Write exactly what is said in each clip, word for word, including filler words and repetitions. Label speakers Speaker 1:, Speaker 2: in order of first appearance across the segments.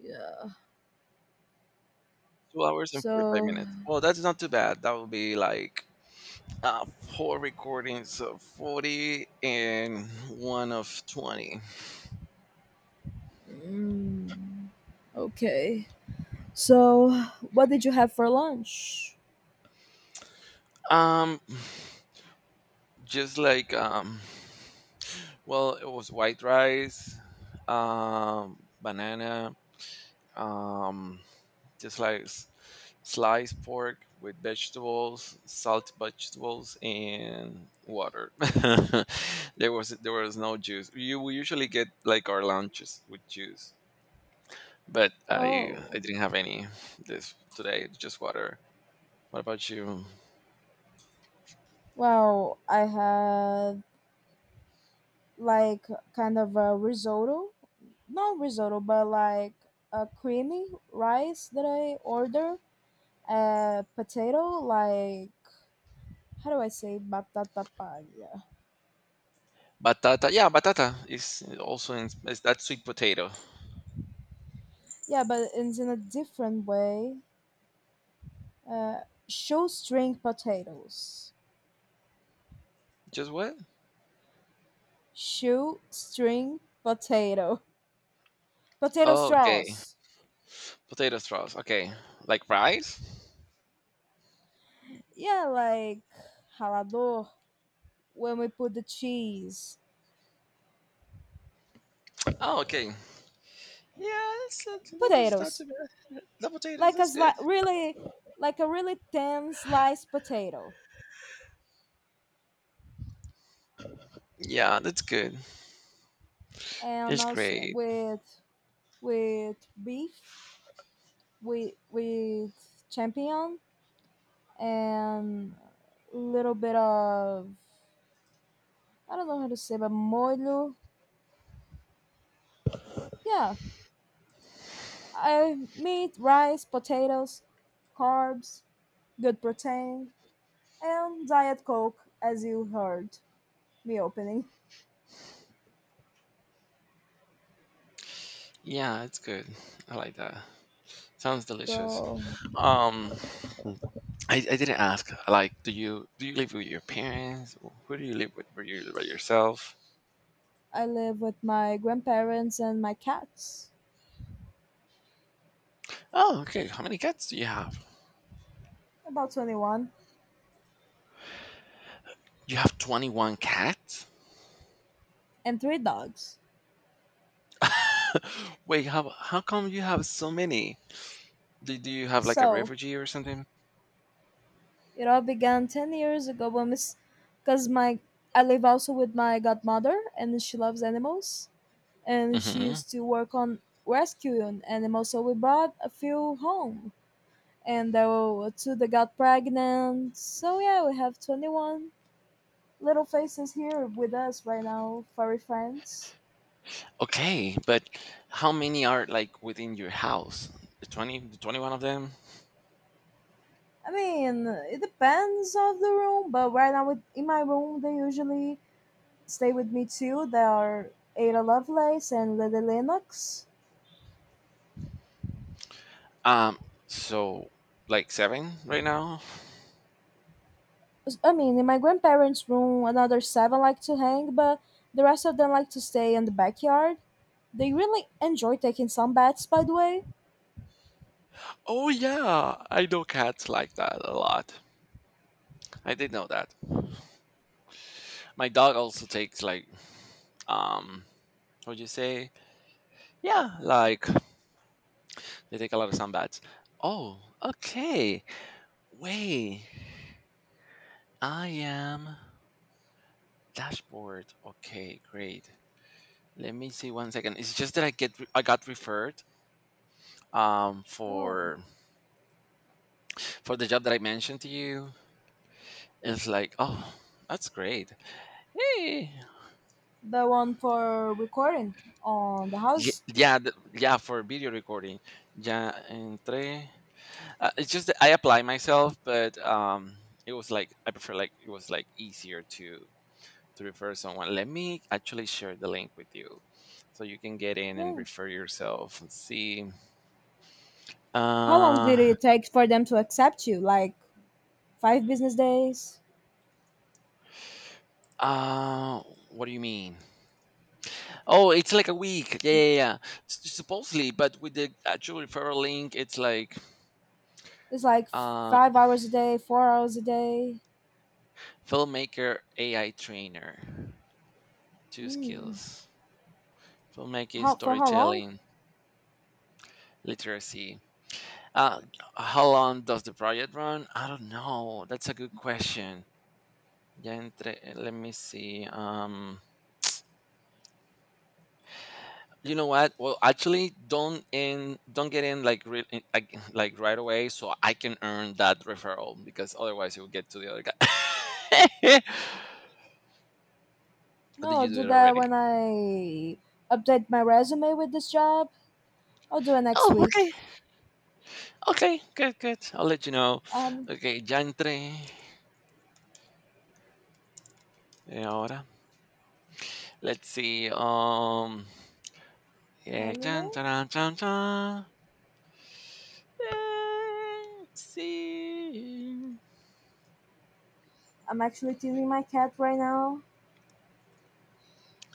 Speaker 1: Yeah.
Speaker 2: Two hours and forty-five
Speaker 1: So,
Speaker 2: minutes. Well, that's not too bad. That would be like uh, four recordings of forty and one of twenty.
Speaker 1: mm, okay. So, what did you have for lunch?
Speaker 2: Um, just like, um, well, it was white rice, um, banana, um, just like s- sliced pork with vegetables, salt vegetables, and water. there was there was no juice. You will usually get like our lunches with juice. But I
Speaker 1: Oh,
Speaker 2: I didn't have any this today. Just water. What about you?
Speaker 1: well, I had like kind of a risotto. Not risotto, but like a creamy rice that I ordered. A potato, like, how do I say batata palha?
Speaker 2: Batata. Yeah, batata is also in. Is that sweet potato?
Speaker 1: Yeah, but it's in a different way. Uh, Shoestring potatoes.
Speaker 2: Just what?
Speaker 1: Shoestring potato. Potato
Speaker 2: Oh, okay.
Speaker 1: straws.
Speaker 2: Potato straws. Okay. Like fries?
Speaker 1: Yeah, like ralador when we put the cheese.
Speaker 2: Oh, okay. Yeah, it's, that is not
Speaker 1: Potatoes.
Speaker 2: too bad. The potatoes,
Speaker 1: Like a
Speaker 2: that's good.
Speaker 1: sli- really, like a really thin sliced potato.
Speaker 2: Yeah, that's good.
Speaker 1: And
Speaker 2: It's
Speaker 1: also
Speaker 2: great.
Speaker 1: with with beef, with with champignon, and a little bit of I don't know how to say, but molho. Yeah, Uh, meat, rice, potatoes, carbs, good protein, and Diet Coke, as you heard me opening.
Speaker 2: Yeah, it's good. I like that. Sounds delicious.
Speaker 1: Bro,
Speaker 2: Um, I, I didn't ask. Like, do you do you live with your parents? Who do you live with? Were you by yourself?
Speaker 1: I live with my grandparents and my cats,
Speaker 2: Oh, okay. How many cats do you have?
Speaker 1: about twenty-one,
Speaker 2: You have twenty-one cats?
Speaker 1: and three dogs.
Speaker 2: Wait, how how come you have so many? Do, do you have like a
Speaker 1: So,
Speaker 2: refugee or something?
Speaker 1: it all began ten years ago when Miss, because my, I live also with my godmother, and she loves animals, and she
Speaker 2: hmm.
Speaker 1: used to work on rescuing animals, so we brought a few home and there were two that got pregnant. So yeah, we have twenty-one little faces here with us right now, furry friends.
Speaker 2: Okay, but how many are like within your house? twenty, the twenty-one of them?
Speaker 1: I mean, it depends of the room, but right now with, in my room they usually stay with me too. They are Ada Lovelace and Lily Lennox.
Speaker 2: Um, so like seven right now?
Speaker 1: I mean, in my grandparents' room, another seven like to hang, but the rest of them like to stay in the backyard. They really enjoy taking some baths, by the way.
Speaker 2: Oh yeah, I know cats like that a lot. I did know that. My dog also takes like um what would you say? Yeah, like they take a lot of sound bites. Oh, okay. Wait, I am dashboard. Okay, great. Let me see one second. It's just that I get I got referred um
Speaker 1: Whoa.
Speaker 2: for for the job that I mentioned to you. It's like oh. That's great. Hey.
Speaker 1: The one for recording on the
Speaker 2: Ye-
Speaker 1: house?
Speaker 2: Yeah, th- yeah, for video recording. Ya entré. Uh, it's just that I apply myself, but um, it was like I prefer like it was like easier to to refer someone. Let me actually share the link with you so you can get in and
Speaker 1: Yeah.
Speaker 2: refer yourself and see.
Speaker 1: How long did
Speaker 2: Uh,
Speaker 1: it take for them to accept you? Like five business days?
Speaker 2: uh, what do you mean? Oh, it's like a week. Yeah, yeah, yeah. S- supposedly, but with the actual referral link, it's like
Speaker 1: It's like
Speaker 2: uh,
Speaker 1: five hours a day, four hours a day.
Speaker 2: filmmaker A I trainer, two
Speaker 1: Mm.
Speaker 2: skills: filmmaking,
Speaker 1: How, for how long?
Speaker 2: storytelling, literacy. Uh, how long does the project run? I don't know. That's a good question. Ya entré, let me see. Um, You know what? Well, actually, don't in don't get in like re, in- like like right away, so I can earn that referral because otherwise it will get to the other guy. Or did
Speaker 1: No, I'll
Speaker 2: you do
Speaker 1: do
Speaker 2: it
Speaker 1: that
Speaker 2: already?
Speaker 1: when I update my resume with this job. I'll do it next
Speaker 2: Oh,
Speaker 1: week.
Speaker 2: okay, okay, good, good. I'll let you know.
Speaker 1: Um,
Speaker 2: Okay, ya entré. Eh, Ahora, let's see. Um, yeah, chan,
Speaker 1: Hello?
Speaker 2: chan, chan, chan. Eh, let's see.
Speaker 1: I'm actually teasing my cat right now.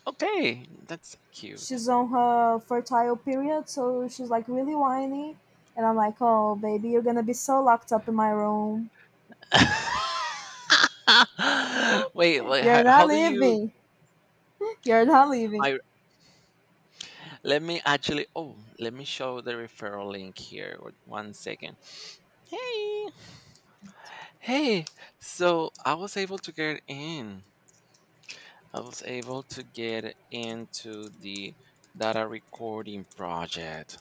Speaker 2: Okay, that's cute.
Speaker 1: She's on her fertile period, so she's like really whiny. And I'm like, oh, baby, you're gonna be so locked up in my room.
Speaker 2: Wait, like
Speaker 1: You're
Speaker 2: how, how
Speaker 1: not
Speaker 2: do you?
Speaker 1: leaving. You're not leaving.
Speaker 2: I, let me actually, oh let me show the referral link here. Wait, one second. Hey. Hey. So I was able to get in. I was able to get into the data recording project.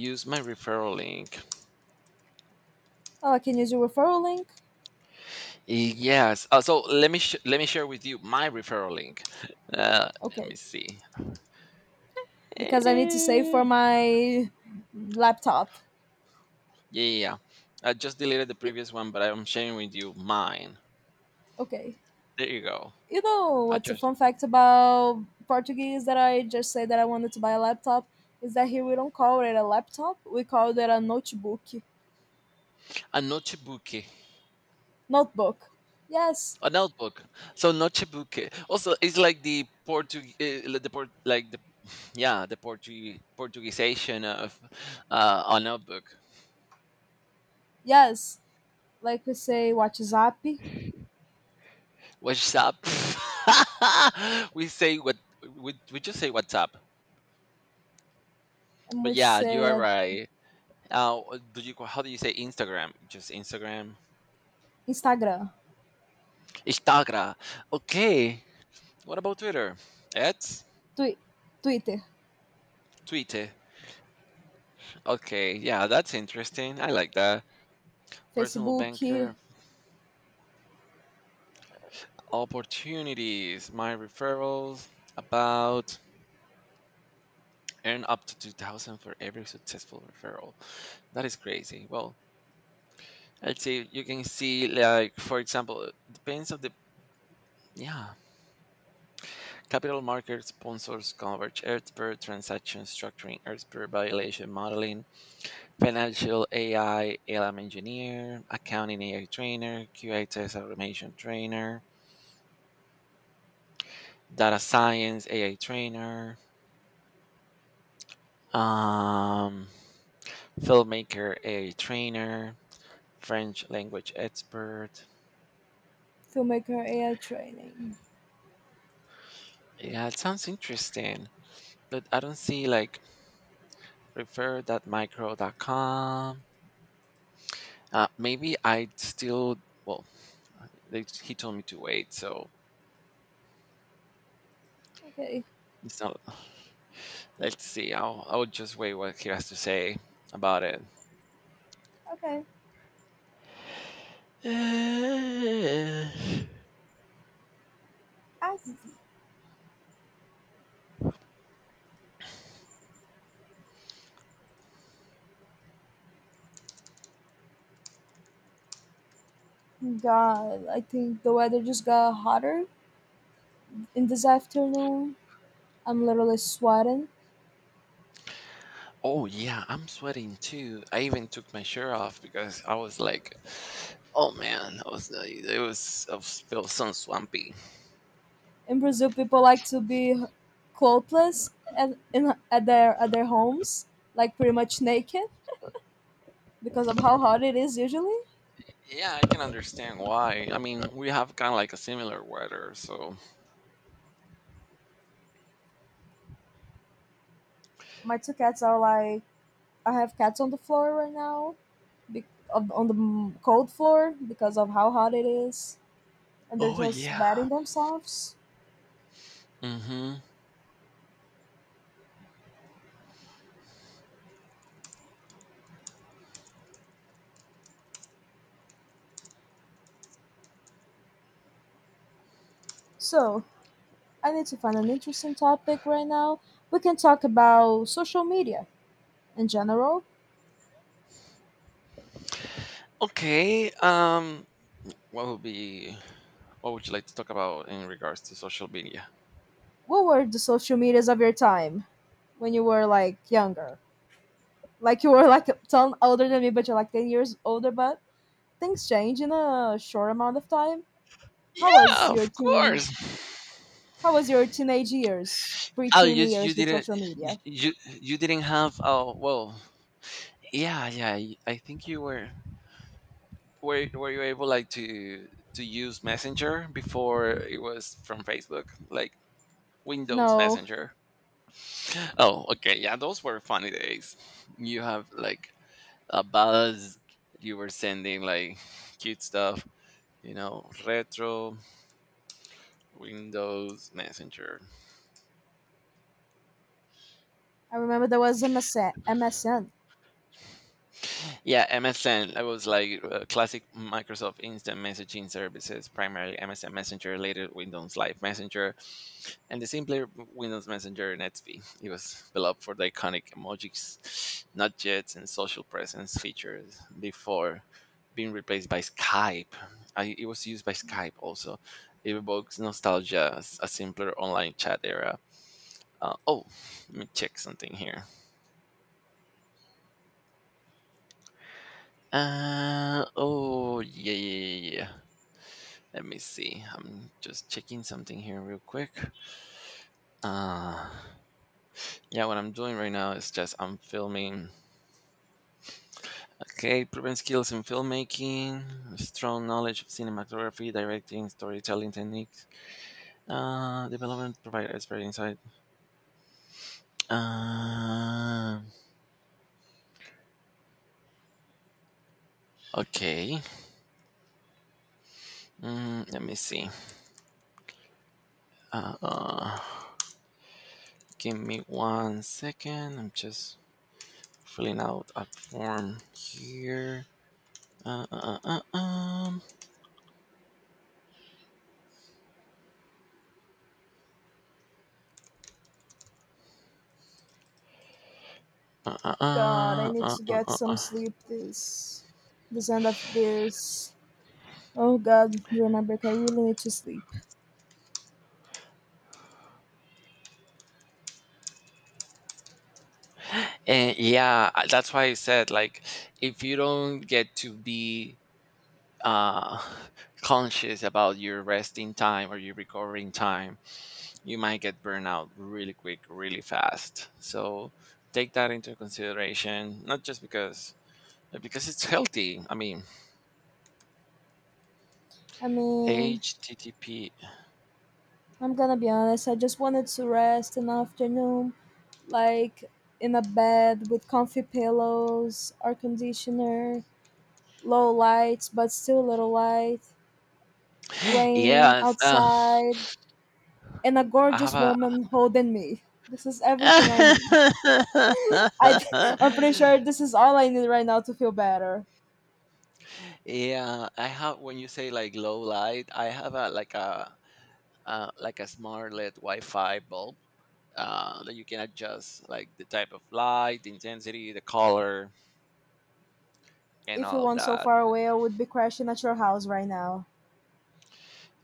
Speaker 2: Use my referral link.
Speaker 1: Oh, I can use your referral link?
Speaker 2: Yes. Uh, so let me sh- let me share with you my referral link. Uh, let
Speaker 1: Okay.
Speaker 2: me see.
Speaker 1: Because I need to save
Speaker 2: Eh,
Speaker 1: for my laptop.
Speaker 2: Yeah, yeah, yeah. I just deleted the
Speaker 1: Y-
Speaker 2: previous one, but I'm sharing with you mine.
Speaker 1: Okay.
Speaker 2: There you go.
Speaker 1: You know
Speaker 2: I
Speaker 1: what's a
Speaker 2: just
Speaker 1: fun fact about Portuguese that I just said that I wanted to buy a laptop? Is that here we don't call it a laptop, we call it a notebook.
Speaker 2: a notebook,
Speaker 1: Notebook. Yes.
Speaker 2: a notebook. So notebook. Also, it's like the Portuguese, the port, like the yeah, the Portuguese Portuguesization of uh, a notebook.
Speaker 1: Yes. Like we say WhatsApp,
Speaker 2: What's up? we say what, we we just say what's up.
Speaker 1: and
Speaker 2: But
Speaker 1: we
Speaker 2: yeah, you
Speaker 1: say
Speaker 2: are
Speaker 1: uh,
Speaker 2: right. Uh, do you how do you say Instagram? Just Instagram.
Speaker 1: Instagram,
Speaker 2: Instagram. Okay. What about Twitter? At
Speaker 1: Twi- Twitter,
Speaker 2: Twitter. Okay, yeah, that's interesting. I like that. Personal
Speaker 1: Facebook,
Speaker 2: banker opportunities. My referrals about earn up to two thousand for every successful referral. That is crazy. Well, let's see. You can see like for example, it depends on the yeah, capital market sponsors coverage, earth per transaction structuring, earth per violation modeling, financial A I, L M engineer, accounting AI trainer, Q A test automation trainer, data science A I trainer, um, filmmaker A I trainer, French language expert.
Speaker 1: filmmaker A I training.
Speaker 2: Yeah, it sounds interesting, but I don't see like refer.micro dot com. Uh, maybe I still, well, they, he told me to wait, so
Speaker 1: Okay,
Speaker 2: it's not, let's see. I'll, I'll just wait what he has to say about it.
Speaker 1: okay.
Speaker 2: Uh,
Speaker 1: I got. I think the weather just got hotter in this afternoon. I'm literally sweating.
Speaker 2: oh yeah, I'm sweating too. I even took my shirt off because I was like, oh man, I was uh, it was I was- felt so swampy.
Speaker 1: In Brazil, people like to be clothless at in at their at their homes, like pretty much naked because of how hot it is usually.
Speaker 2: Yeah, I can understand why. I mean, we have kind of like a similar weather, so.
Speaker 1: My two cats are like, I have cats on the floor right now, be- on on the m- cold floor because of how hot it is, and they're
Speaker 2: Oh
Speaker 1: just
Speaker 2: yeah.
Speaker 1: batting themselves.
Speaker 2: Mhm.
Speaker 1: So I need to find an interesting topic right now. We can talk about social media in general.
Speaker 2: Okay. Um, what would be what would you like to talk about in regards to social media?
Speaker 1: What were the social medias of your time when you were like younger? Like you were like a ton older than me, but you're like ten years older. But things change in a short amount of time. How
Speaker 2: Yeah,
Speaker 1: was your
Speaker 2: of
Speaker 1: teen
Speaker 2: course.
Speaker 1: How was your teenage years,
Speaker 2: Oh,
Speaker 1: pre-teen
Speaker 2: you you
Speaker 1: years with
Speaker 2: didn't
Speaker 1: social
Speaker 2: you
Speaker 1: media?
Speaker 2: you you didn't have, oh well, yeah, yeah. y- I think you were, were were you able like to to use Messenger before it was from Facebook, like Windows
Speaker 1: No,
Speaker 2: Messenger. Oh, okay. Yeah, those were funny days. You have like a buzz. You were sending like cute stuff. You know, retro Windows Messenger.
Speaker 1: I remember there was M S N. M S N.
Speaker 2: Yeah, M S N. I was like uh, classic Microsoft instant messaging services, primarily M S N Messenger, later Windows Live Messenger. And the simpler Windows Messenger Netsby. It was developed for the iconic emojis, not jets, and social presence features before being replaced by Skype. I, it was used by Skype also. It evokes nostalgia, as a simpler online chat era. Uh, oh, let me check something here. Uh, oh, yeah, yeah, yeah. yeah. Let me see. I'm just checking something here real quick. Uh, yeah, what I'm doing right now is just I'm filming. Okay, proven skills in filmmaking, strong knowledge of cinematography, directing, storytelling techniques, uh, development provider expert insight. Uh, okay, mm, let me see. Uh, uh, give me one second. I'm just filling out a form here. Uh, uh, uh, uh, um, uh, uh,
Speaker 1: God, I
Speaker 2: uh,
Speaker 1: need
Speaker 2: uh,
Speaker 1: to
Speaker 2: uh,
Speaker 1: get
Speaker 2: uh,
Speaker 1: some
Speaker 2: uh.
Speaker 1: sleep this this end of this. Oh God, do you remember? I really need to sleep.
Speaker 2: And yeah, I- that's why I said like if you don't get to be uh, conscious about your resting time or your recovering time, you might get burnout really quick, really fast. So take that into consideration, not just because but because it's healthy. I mean,
Speaker 1: I mean,
Speaker 2: H T T P.
Speaker 1: I'm gonna be honest, I just wanted to rest an afternoon, like in a bed with comfy pillows, air conditioner, low lights, but still a little light, rain
Speaker 2: Yes, uh,
Speaker 1: outside, and a
Speaker 2: I have
Speaker 1: gorgeous
Speaker 2: a.
Speaker 1: woman holding me. This is everything I need. I th- I'm pretty sure this is all I need right now to feel better.
Speaker 2: yeah, I have. When you say like low light, I have a like a uh, like a smart L E D Wi-Fi bulb uh, that you can adjust like the type of light, the intensity, the color, and
Speaker 1: If you
Speaker 2: all
Speaker 1: weren't so
Speaker 2: that.
Speaker 1: far away, I would be crashing at your house right now.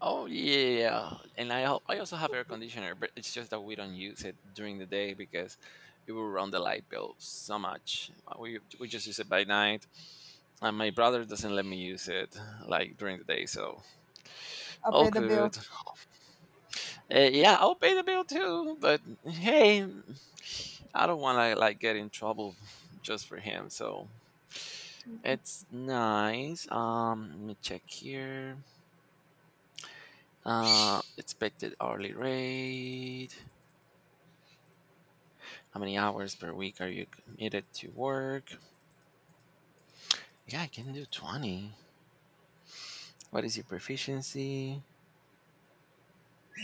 Speaker 2: Oh yeah, and I al- I also have air conditioner, but it's just that we don't use it during the day because it will run the light bill so much. Uh, We we just use it by night, and my brother doesn't let me use it like during the day, so
Speaker 1: i
Speaker 2: all
Speaker 1: pay the bill.
Speaker 2: good. Uh, yeah, I'll pay the bill too, but hey, I don't want to like get in trouble just for him, so it's nice. Um, let me check here. Uh, expected hourly rate. How many hours per week are you committed to work? Yeah, I can do twenty. What is your proficiency?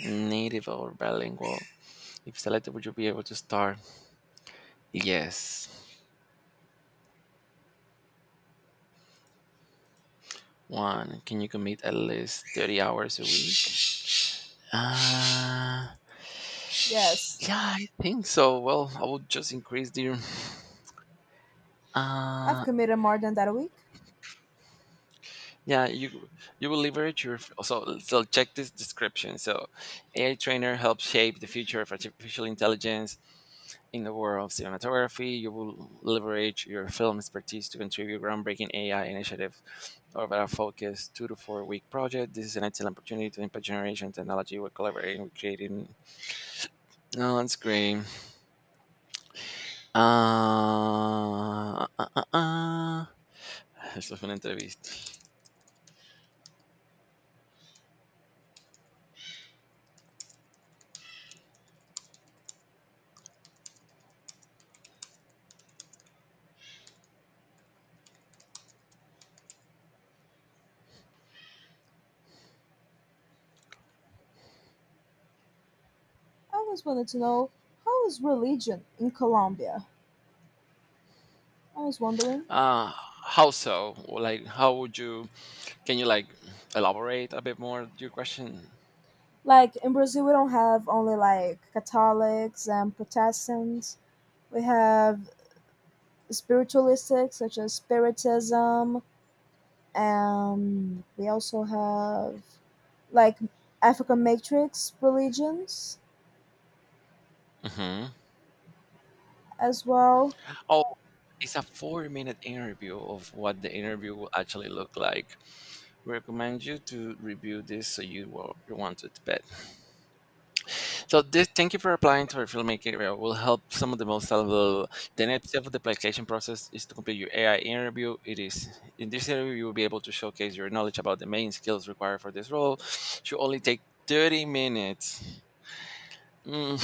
Speaker 2: Native or bilingual? If selected, would you be able to start? Yes. One, can you commit at least thirty hours a week? Uh,
Speaker 1: Yes,
Speaker 2: yeah, I think so. Well, I will just increase the.
Speaker 1: I've
Speaker 2: Uh,
Speaker 1: committed more than that a week.
Speaker 2: Yeah, you you will leverage your f- so so check this description. So, A I trainer helps shape the future of artificial intelligence in the world of cinematography. You will leverage your film expertise to contribute groundbreaking A I initiative over a focused two to four week project. This is an excellent opportunity to impact generation technology. We're collaborating, we're creating. No, that's great. Uh, uh, uh, uh. Eso fue una entrevista.
Speaker 1: I always wanted to know, how is religion in Colombia? I was wondering.
Speaker 2: Uh, how so? Like, how would you? Can you like elaborate a bit more your question?
Speaker 1: Like in Brazil, we don't have only like Catholics and Protestants. We have spiritualistics such as Spiritism, and we also have like African matrix religions.
Speaker 2: Hmm.
Speaker 1: as well.
Speaker 2: Oh, it's a four-minute interview of what the interview will actually look like. We recommend you to review this so you will you want to bet. So this, thank you for applying to our filmmaking area. Will help some of the most valuable. The next step of the application process is to complete your A I interview. It is in this interview you will be able to showcase your knowledge about the main skills required for this role. Should only take thirty minutes. Mm.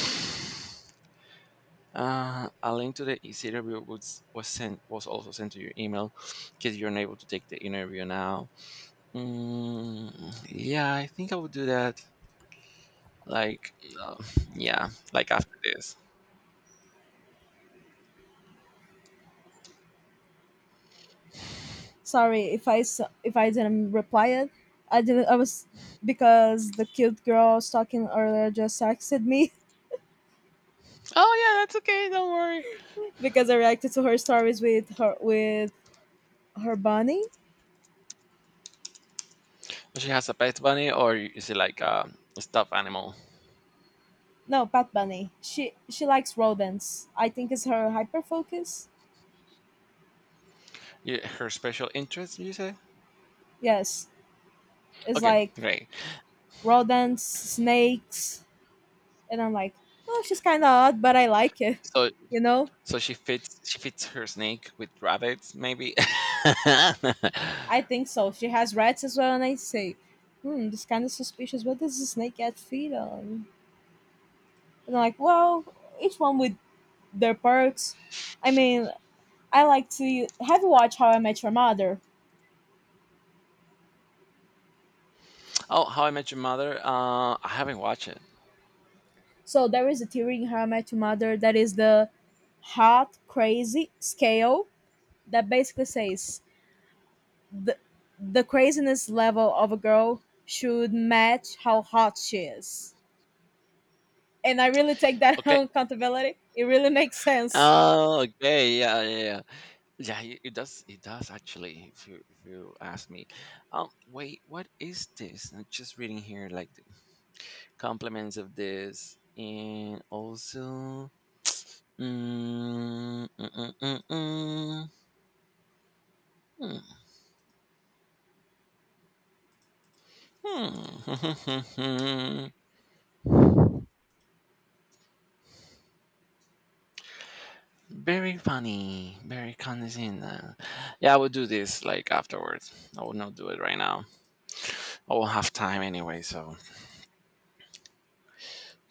Speaker 2: Uh, a link to the easy interview was, was sent, was also sent to your email because you're unable to take the interview now. Mm, yeah, I think I would do that. Like, um, yeah, like after this.
Speaker 1: Sorry if I s- if I didn't reply it. I didn't. I was because the cute girl I was talking earlier just texted me
Speaker 2: Oh yeah, that's okay. Don't worry.
Speaker 1: because I reacted to her stories with her with her bunny.
Speaker 2: She has a pet bunny, or is it like um, a stuffed animal?
Speaker 1: No, Pat Bunny. She she likes rodents. I think it's her hyper focus.
Speaker 2: Yeah, her special interest, you say?
Speaker 1: Yes, it's
Speaker 2: Okay,
Speaker 1: like
Speaker 2: great.
Speaker 1: rodents, snakes, and I'm like, oh, she's kind of odd, but I like it.
Speaker 2: So,
Speaker 1: You know?
Speaker 2: so she fits she fits her snake with rabbits, maybe. oh,
Speaker 1: I think so. She has rats as well, and I say, hmm, this kind of suspicious. What does the snake get feed on? And I'm like, well, each one with their perks. I mean, I like to, have you watched How I Met Your Mother?
Speaker 2: How I Met Your Mother. Uh, I haven't watched it.
Speaker 1: So there is a theory in How I Met Your Mother that is the hot crazy scale that basically says the the craziness level of a girl should match how hot she is. And I really take that
Speaker 2: Okay.
Speaker 1: on accountability. It really makes sense.
Speaker 2: Oh, okay. Yeah, yeah, yeah. Yeah, it it does. It does actually. If you if you ask me, um, wait, what is this? I'm just reading here, like the compliments of this, and also, mm, mm, mm, mm, mm, hmm, hmm. very funny, very condescending. Yeah, I will do this like afterwards. I will not do it right now. I will have time anyway, so.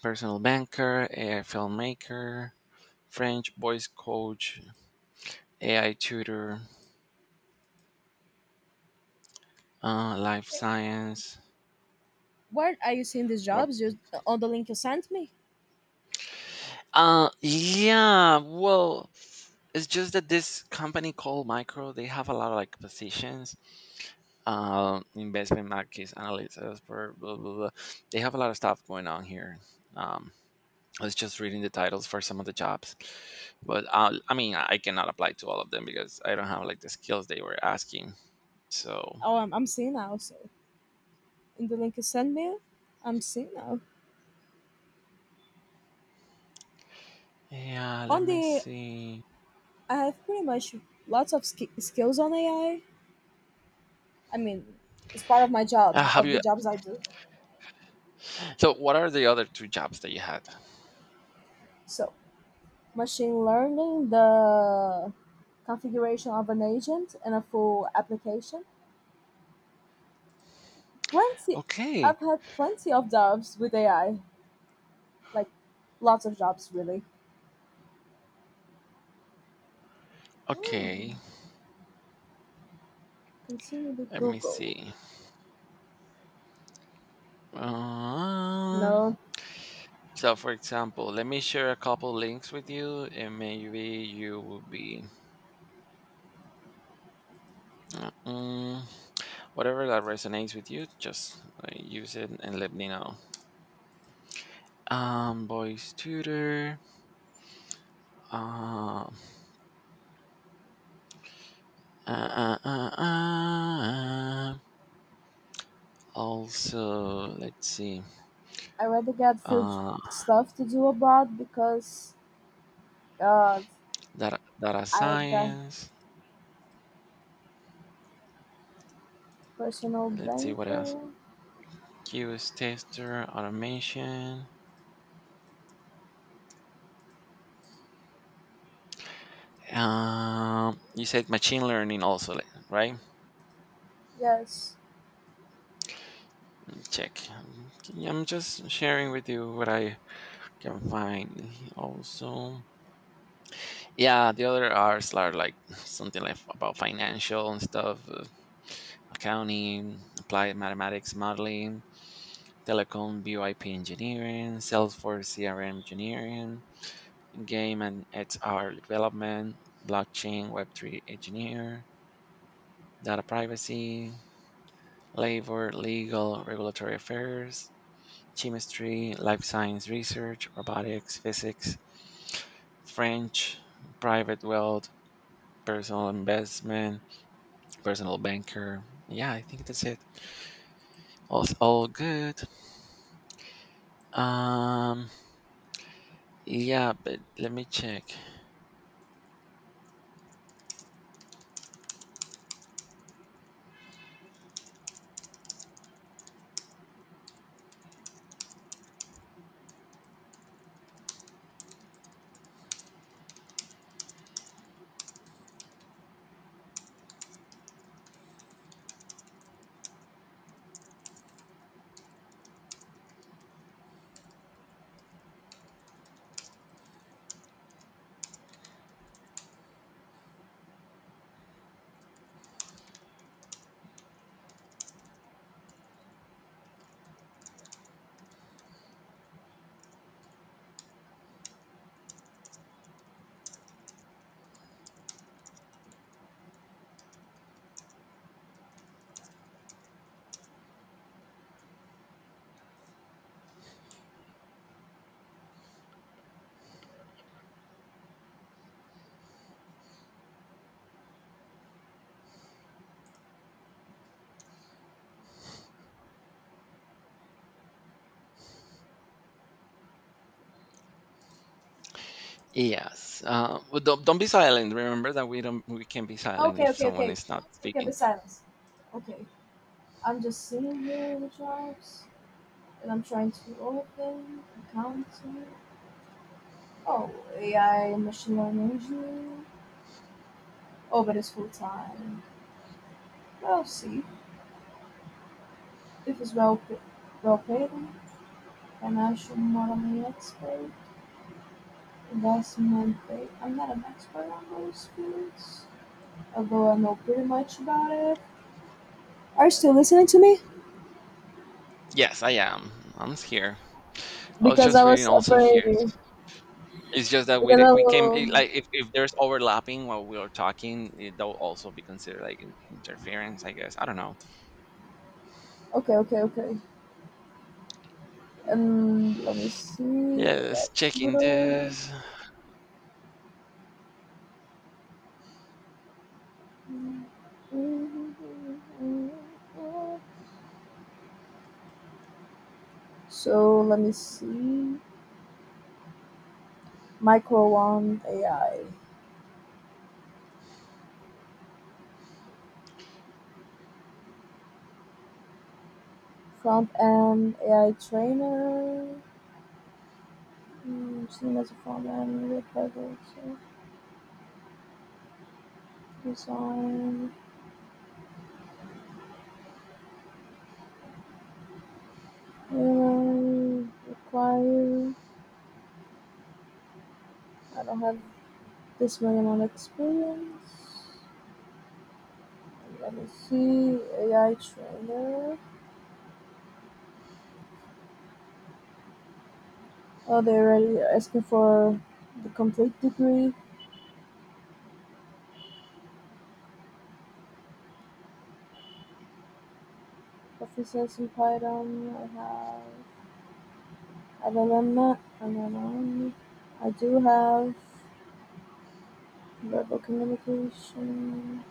Speaker 2: Personal banker, A I filmmaker, French voice coach, A I tutor, uh, life
Speaker 1: Eh,
Speaker 2: science.
Speaker 1: Where are you seeing these
Speaker 2: Rob-
Speaker 1: jobs? You, on the link you sent me?
Speaker 2: Uh, yeah, well, it's just that this company called Micro, they have a lot of like positions, um, investment markets, analysts, expert, blah, blah, blah. They have a lot of stuff going on here. Um, I was just reading the titles for some of the jobs, but uh, I mean, I cannot apply to all of them because I don't have like the skills they were asking. So.
Speaker 1: Oh, I'm, I'm seeing now. So in the link you sent me, I'm seeing now.
Speaker 2: Yeah, let
Speaker 1: On
Speaker 2: me
Speaker 1: the,
Speaker 2: see.
Speaker 1: I have pretty much lots of sk- skills on A I. I mean, it's part of my
Speaker 2: Ah,
Speaker 1: job,
Speaker 2: have
Speaker 1: of
Speaker 2: you?
Speaker 1: the jobs I do.
Speaker 2: So, what are the other two jobs that you had?
Speaker 1: So, machine learning, the configuration of an agent and a full application. Plenty,
Speaker 2: Okay,
Speaker 1: I've had plenty of jobs with A I, like lots of jobs, really. Hmm.
Speaker 2: okay.
Speaker 1: Continue with
Speaker 2: Let me
Speaker 1: Google.
Speaker 2: see. Um,
Speaker 1: No,
Speaker 2: so, for example, let me share a couple links with you, and maybe you will be uh, mm, whatever that resonates with you. Just uh, use it and let me know. Um, voice tutor. Um, uh, uh, uh, uh. uh, Also, let's see.
Speaker 1: I rather get few j-
Speaker 2: uh,
Speaker 1: stuff to do abroad because uh,
Speaker 2: data, data
Speaker 1: I got
Speaker 2: science.
Speaker 1: personal
Speaker 2: Let's see what else.
Speaker 1: banker.
Speaker 2: Q S tester, automation. Um, you said machine learning also, like, right?
Speaker 1: Yes.
Speaker 2: Let me check. Yeah, I'm just sharing with you what I can find. Also, yeah, the other R's are like something like about financial and stuff, uh, accounting, applied mathematics modeling, telecom, VoIP engineering, Salesforce C R M engineering, game and it's X R development, blockchain, web three engineer, data privacy, labor, legal, regulatory affairs, chemistry, life science research, robotics, physics, French, private wealth, personal investment, personal banker. Yeah, I think that's it. All, all good. Um, yeah, but let me check. Yes. Uh, but don't, don't be silent. Remember that we don't we can be silent
Speaker 1: Okay,
Speaker 2: if
Speaker 1: okay,
Speaker 2: someone
Speaker 1: okay.
Speaker 2: is not
Speaker 1: We can
Speaker 2: speaking.
Speaker 1: be silence. Okay. I'm just sitting here with the jobs that I'm trying to open, accounting. Oh, A I and machine learning engineering. Oh, but it's full time. We'll see if it's well pa- well paid. Financial modeling expert, investment. Ba- I'm not an expert on those fields, although I know pretty much about it. Are you still listening to me?
Speaker 2: Yes, I am. I'm here. I was
Speaker 1: Because
Speaker 2: just
Speaker 1: I
Speaker 2: reading
Speaker 1: was
Speaker 2: also here.
Speaker 1: afraid.
Speaker 2: It's just that we
Speaker 1: Because
Speaker 2: did
Speaker 1: I
Speaker 2: we came
Speaker 1: will.
Speaker 2: it- like if, if there's overlapping while we are talking, it, that will also be considered like in, interference, I guess. I don't know.
Speaker 1: Okay, okay, okay. And let me see.
Speaker 2: Yeah, let's
Speaker 1: Let's
Speaker 2: checking
Speaker 1: Twitter.
Speaker 2: this.
Speaker 1: So let me see. Micro One A I. Front end A I trainer. Mm, seen as a front end with project design. Um, require. I don't have this million on experience. Let me see. A I trainer. Oh, they're already asking for the complete degree. Officers in Python. I have I don't know I don't know I do have verbal communication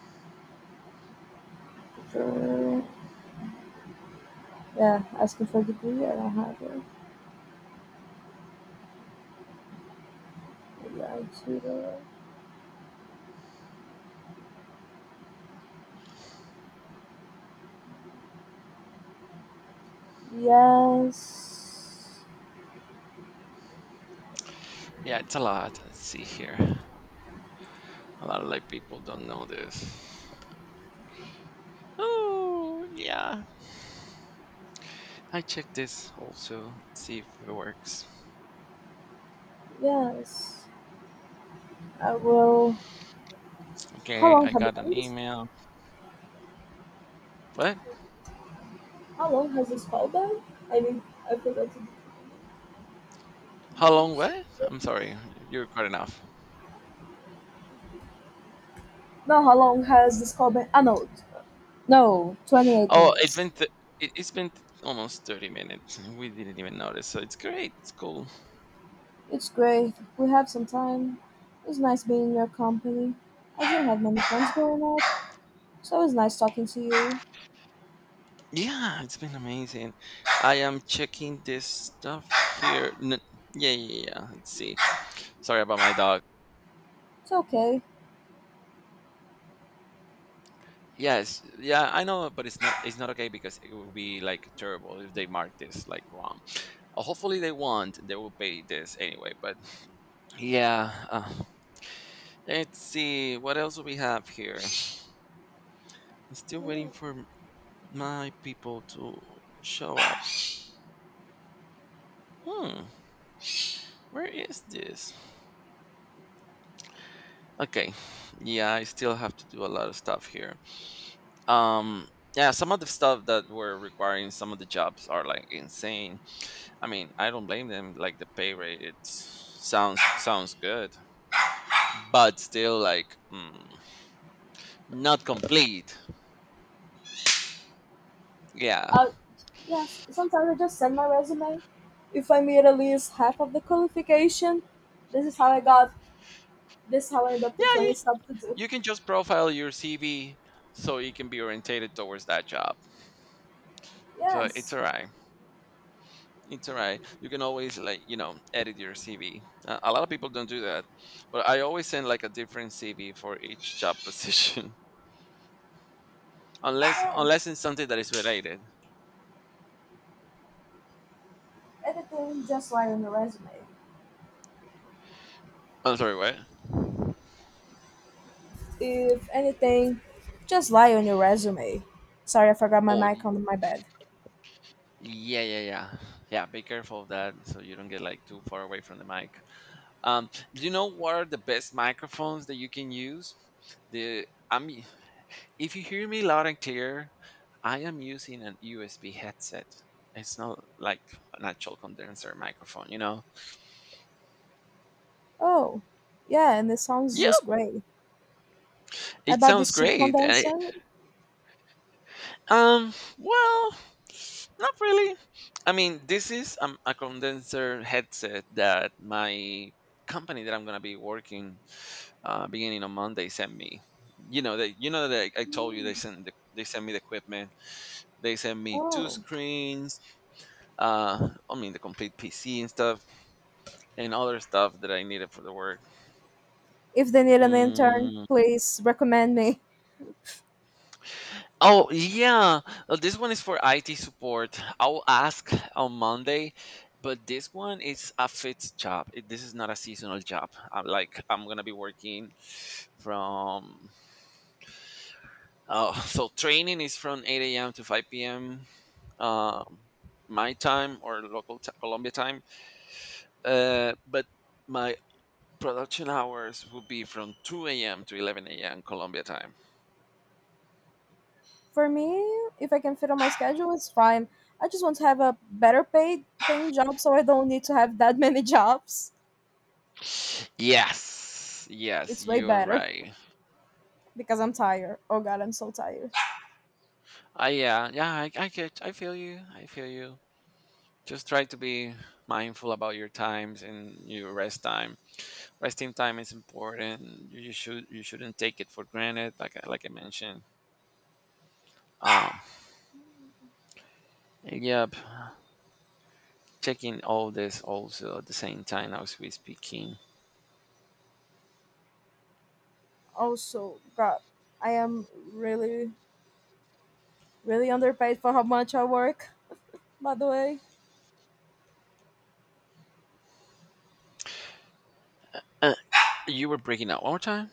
Speaker 1: for, yeah, asking for a degree, I don't have it. Yeah, I tutor. Yes,
Speaker 2: Yeah, it's a lot. Let's see here. A lot of like people don't know this. Oh yeah. I checked this also. Let's see if it works.
Speaker 1: yes. I will how
Speaker 2: Okay,
Speaker 1: long
Speaker 2: I
Speaker 1: have
Speaker 2: got
Speaker 1: I
Speaker 2: an
Speaker 1: been?
Speaker 2: email. What?
Speaker 1: How long has this call been? I mean, I forgot to.
Speaker 2: How long? What? I'm sorry. You're cutting off.
Speaker 1: No, how long has this call been? Ah no. No, twenty-eight
Speaker 2: Oh, it's been
Speaker 1: minutes.
Speaker 2: th- it- it's been th- almost thirty minutes. We didn't even notice. So it's great. It's cool.
Speaker 1: It's great. We have some time. It's nice being in your company. I didn't have many friends growing up, so it's nice talking to you.
Speaker 2: Yeah, it's been amazing. I am checking this stuff here. N- yeah, yeah, yeah. Let's see. Sorry about my dog.
Speaker 1: It's okay.
Speaker 2: Yes, yeah, I know, but it's not it's not okay because it will be like terrible if they mark this like wrong. Uh, hopefully they won't. They will pay this anyway. But yeah, uh, let's see what else we have here. I'm still waiting
Speaker 1: Mm,
Speaker 2: for my people to show up. Hmm, where is this? Okay. Yeah, I still have to do a lot of stuff here. Um yeah, some of the stuff that we're requiring some of the jobs are like insane. I mean, I don't blame them. Like the pay rate, it sounds sounds good, but still like mm, not complete. Yeah,
Speaker 1: Uh, yes, sometimes I just send my resume. If I meet at least half of the qualification, this is how I got, this is how I end up with
Speaker 2: yeah.
Speaker 1: twenty
Speaker 2: You
Speaker 1: stuff to do.
Speaker 2: you can just profile your C V so you can be orientated towards that job. So it's
Speaker 1: Yes,
Speaker 2: alright. It's all right. You can always like you know edit your C V. Uh, a lot of people don't do that, but I always send like a different C V for each job position, unless
Speaker 1: yes.
Speaker 2: unless it's something that is related.
Speaker 1: Anything, just lie on your resume.
Speaker 2: I'm sorry, what?
Speaker 1: If anything, just lie on your resume. Sorry, I forgot my
Speaker 2: Oh,
Speaker 1: mic
Speaker 2: y-
Speaker 1: on my bed.
Speaker 2: yeah, yeah, yeah, yeah. Be careful of that so you don't get like too far away from the mic. Um, do you know what are the best microphones that you can use? The I mean, if you hear me loud and clear, I am using an U S B headset. It's not like an actual condenser microphone, you know.
Speaker 1: Oh, yeah, and the song's
Speaker 2: Yep,
Speaker 1: just great. I
Speaker 2: it
Speaker 1: bought
Speaker 2: sounds
Speaker 1: this cheap
Speaker 2: great. I,
Speaker 1: condenser.
Speaker 2: um, well, not really. I mean, this is um, a condenser headset that my company that I'm gonna be working uh, beginning on Monday sent me. You know that you know that I, I told you
Speaker 1: Hmm.
Speaker 2: they sent the, they sent me the equipment. They sent me two
Speaker 1: Oh,
Speaker 2: screens. Uh, I mean the complete P C and stuff and other stuff that I needed for the work.
Speaker 1: if they need an intern,
Speaker 2: Mm,
Speaker 1: please recommend me.
Speaker 2: Oh yeah, uh, this one is for I T support. I'll ask on Monday, but this one is a fixed job. It, this is not a seasonal job. I'm like I'm gonna be working from oh so training is from eight a m to five p m. Um, my time or local t- Colombia time. Uh, but my production hours will be from two a m to eleven a m. Colombia time.
Speaker 1: For me, if I can fit on my schedule, it's fine. I just want to have a better paid paying job so I don't need to have that many jobs.
Speaker 2: Yes, yes,
Speaker 1: It's way
Speaker 2: you're
Speaker 1: better
Speaker 2: right.
Speaker 1: because I'm tired. Oh god, I'm so tired.
Speaker 2: I yeah yeah I, I get I feel you I feel you. Just try to be mindful about your times and your rest time. Resting time is important. You, you should you shouldn't take it for granted. Like I- like I mentioned. Um, yep. Checking all this also at the same time as we speaking.
Speaker 1: Also, god, I am really, really underpaid for how much I work. By the way,
Speaker 2: Uh, you were breaking up one more time.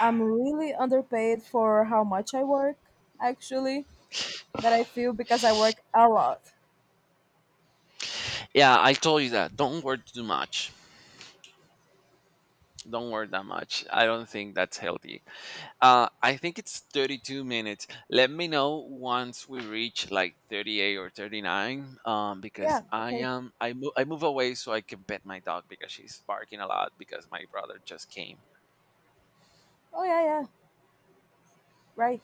Speaker 1: I'm really underpaid for how much I work, actually, that I feel because I work a lot.
Speaker 2: Yeah, I told you that. Don't work too much. Don't work that much. I don't think that's healthy. Uh, I think it's thirty-two minutes. Let me know once we reach like thirty-eight or thirty-nine, um,
Speaker 1: Yeah,
Speaker 2: because I
Speaker 1: okay.
Speaker 2: am I move I move away so I can pet my dog because she's barking a lot because my brother just came.
Speaker 1: Oh, yeah, yeah, right.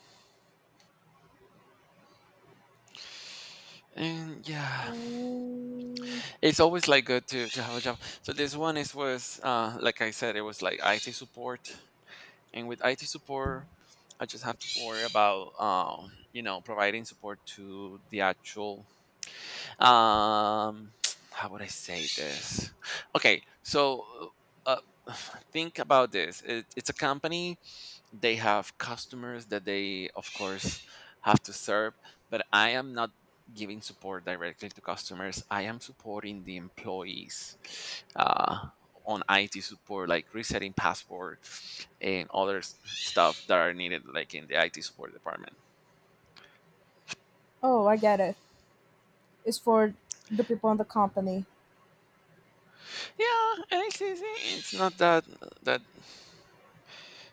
Speaker 2: And yeah,
Speaker 1: Mm,
Speaker 2: it's always like good to to have a job. So this one is was uh like I said, it was like I T support, and with I T support, I just have to worry about um you know providing support to the actual um how would I say this. Okay, so uh, think about this. It, it's a company. They have customers that they of course have to serve, but I am not giving support directly to customers. I am supporting the employees uh, on IT support, like resetting password and other s- stuff that are needed like in the IT support department.
Speaker 1: oh, I get it. It's for the people in the company.
Speaker 2: Yeah, and it's easy. It's not that that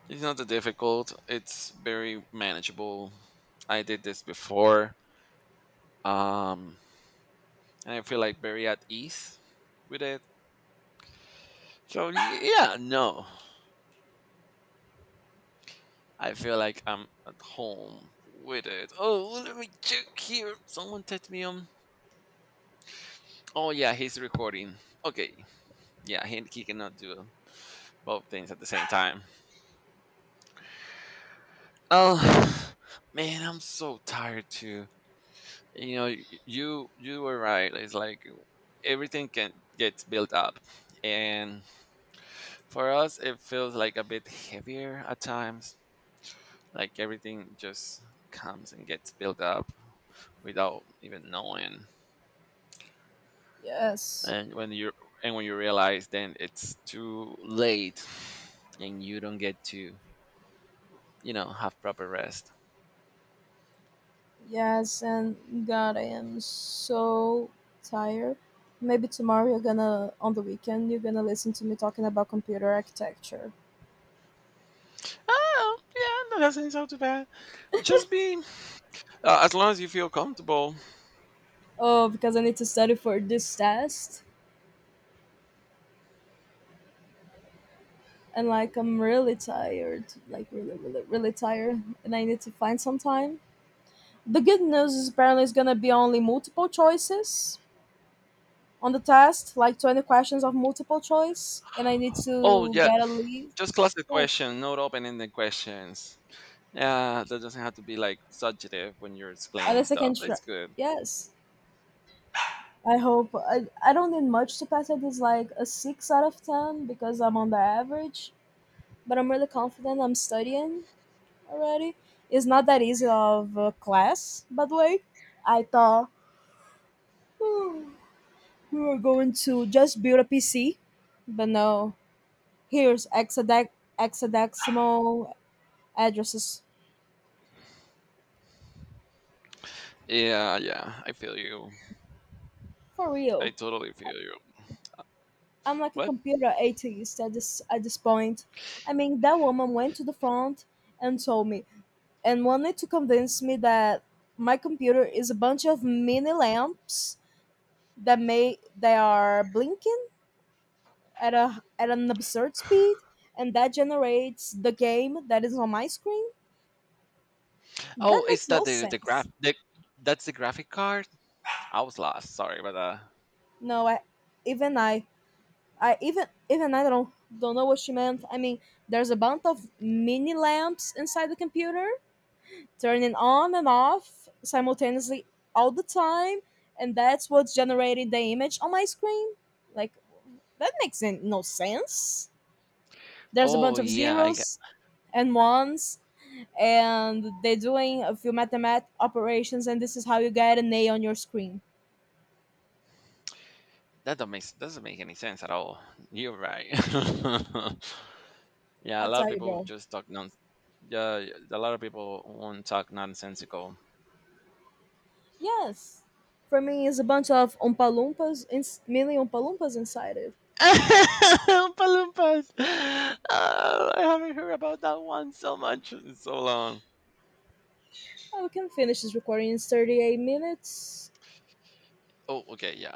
Speaker 2: It's not that difficult. It's very manageable. I did this before. Um, and I feel like very at ease with it. So y- yeah, no, I feel like I'm at home with it. Oh, well, let me check here. Someone text me on. Oh yeah, he's recording. Okay, yeah, he, he cannot do both things at the same time. Oh man, I'm so tired too. You know, y- you you were right. It's like everything can gets built up and for us it feels like a bit heavier at times, like everything just comes and gets built up without even knowing.
Speaker 1: Yes.
Speaker 2: and when you and when you realize, then it's too late and you don't get to you know have proper rest.
Speaker 1: Yes, and God, I am so tired. Maybe tomorrow you're gonna, on the weekend, you're gonna listen to me talking about computer architecture.
Speaker 2: Oh yeah, no, that doesn't sound too bad. Just be uh, as long as you feel comfortable.
Speaker 1: Oh, because I need to study for this test. And like, I'm really tired. Like, really, really, really tired. And I need to find some time. The good news is apparently it's gonna be only multiple choices on the test, like twenty questions of multiple choice. And I need
Speaker 2: Oh
Speaker 1: to
Speaker 2: yeah,
Speaker 1: get a lead.
Speaker 2: just classic
Speaker 1: Yes.
Speaker 2: question, not open-ended questions. Yeah, that doesn't have to be like subjective when you're
Speaker 1: At
Speaker 2: explaining
Speaker 1: least I can
Speaker 2: stuff. It's
Speaker 1: try.
Speaker 2: good.
Speaker 1: Yes. I hope I, I don't need much to pass it. It's like a six out of ten because I'm on the average, but I'm really confident. I'm studying already. It's not that easy of a class, by the way. I thought, "Hmm, we were going to just build a P C, but no. Here's hexadec- hexadecimal addresses
Speaker 2: Yeah, yeah, I feel you.
Speaker 1: for
Speaker 2: I
Speaker 1: real."
Speaker 2: totally feel you.
Speaker 1: I'm like a
Speaker 2: What?
Speaker 1: computer atheist at this at this point. I mean, that woman went to the front and told me and wanted to convince me that my computer is a bunch of mini lamps that may they are blinking at a at an absurd speed and that generates the game that is on my screen
Speaker 2: Oh,
Speaker 1: that
Speaker 2: is
Speaker 1: makes
Speaker 2: that
Speaker 1: no
Speaker 2: the the graph?
Speaker 1: sense.
Speaker 2: The, that's the graphic card. I was lost. Sorry about that.
Speaker 1: No I even I I even even I don't don't know what she meant. I mean, there's a bunch of mini lamps inside the computer turning on and off simultaneously all the time, and that's what's generating the image on my screen, like, that makes n- no sense. There's a
Speaker 2: Oh
Speaker 1: bunch of
Speaker 2: yeah, I get,
Speaker 1: zeros and ones, and they're doing a few mathematic operations, and this is how you get an A on your screen.
Speaker 2: that don't make, doesn't make any sense at all. You're right. yeah, a
Speaker 1: I
Speaker 2: lot of
Speaker 1: tell you,
Speaker 2: people
Speaker 1: bro.
Speaker 2: just talk non. Yeah, a lot of people won't talk nonsensical.
Speaker 1: Yes. For me, it's a bunch of Oompa-Loompas, ins- mainly Oompa-Loompas inside it.
Speaker 2: Oompa Loompas. Oh, I haven't heard about that one so much in so long.
Speaker 1: I We can finish this recording in thirty-eight minutes.
Speaker 2: Oh, okay, yeah.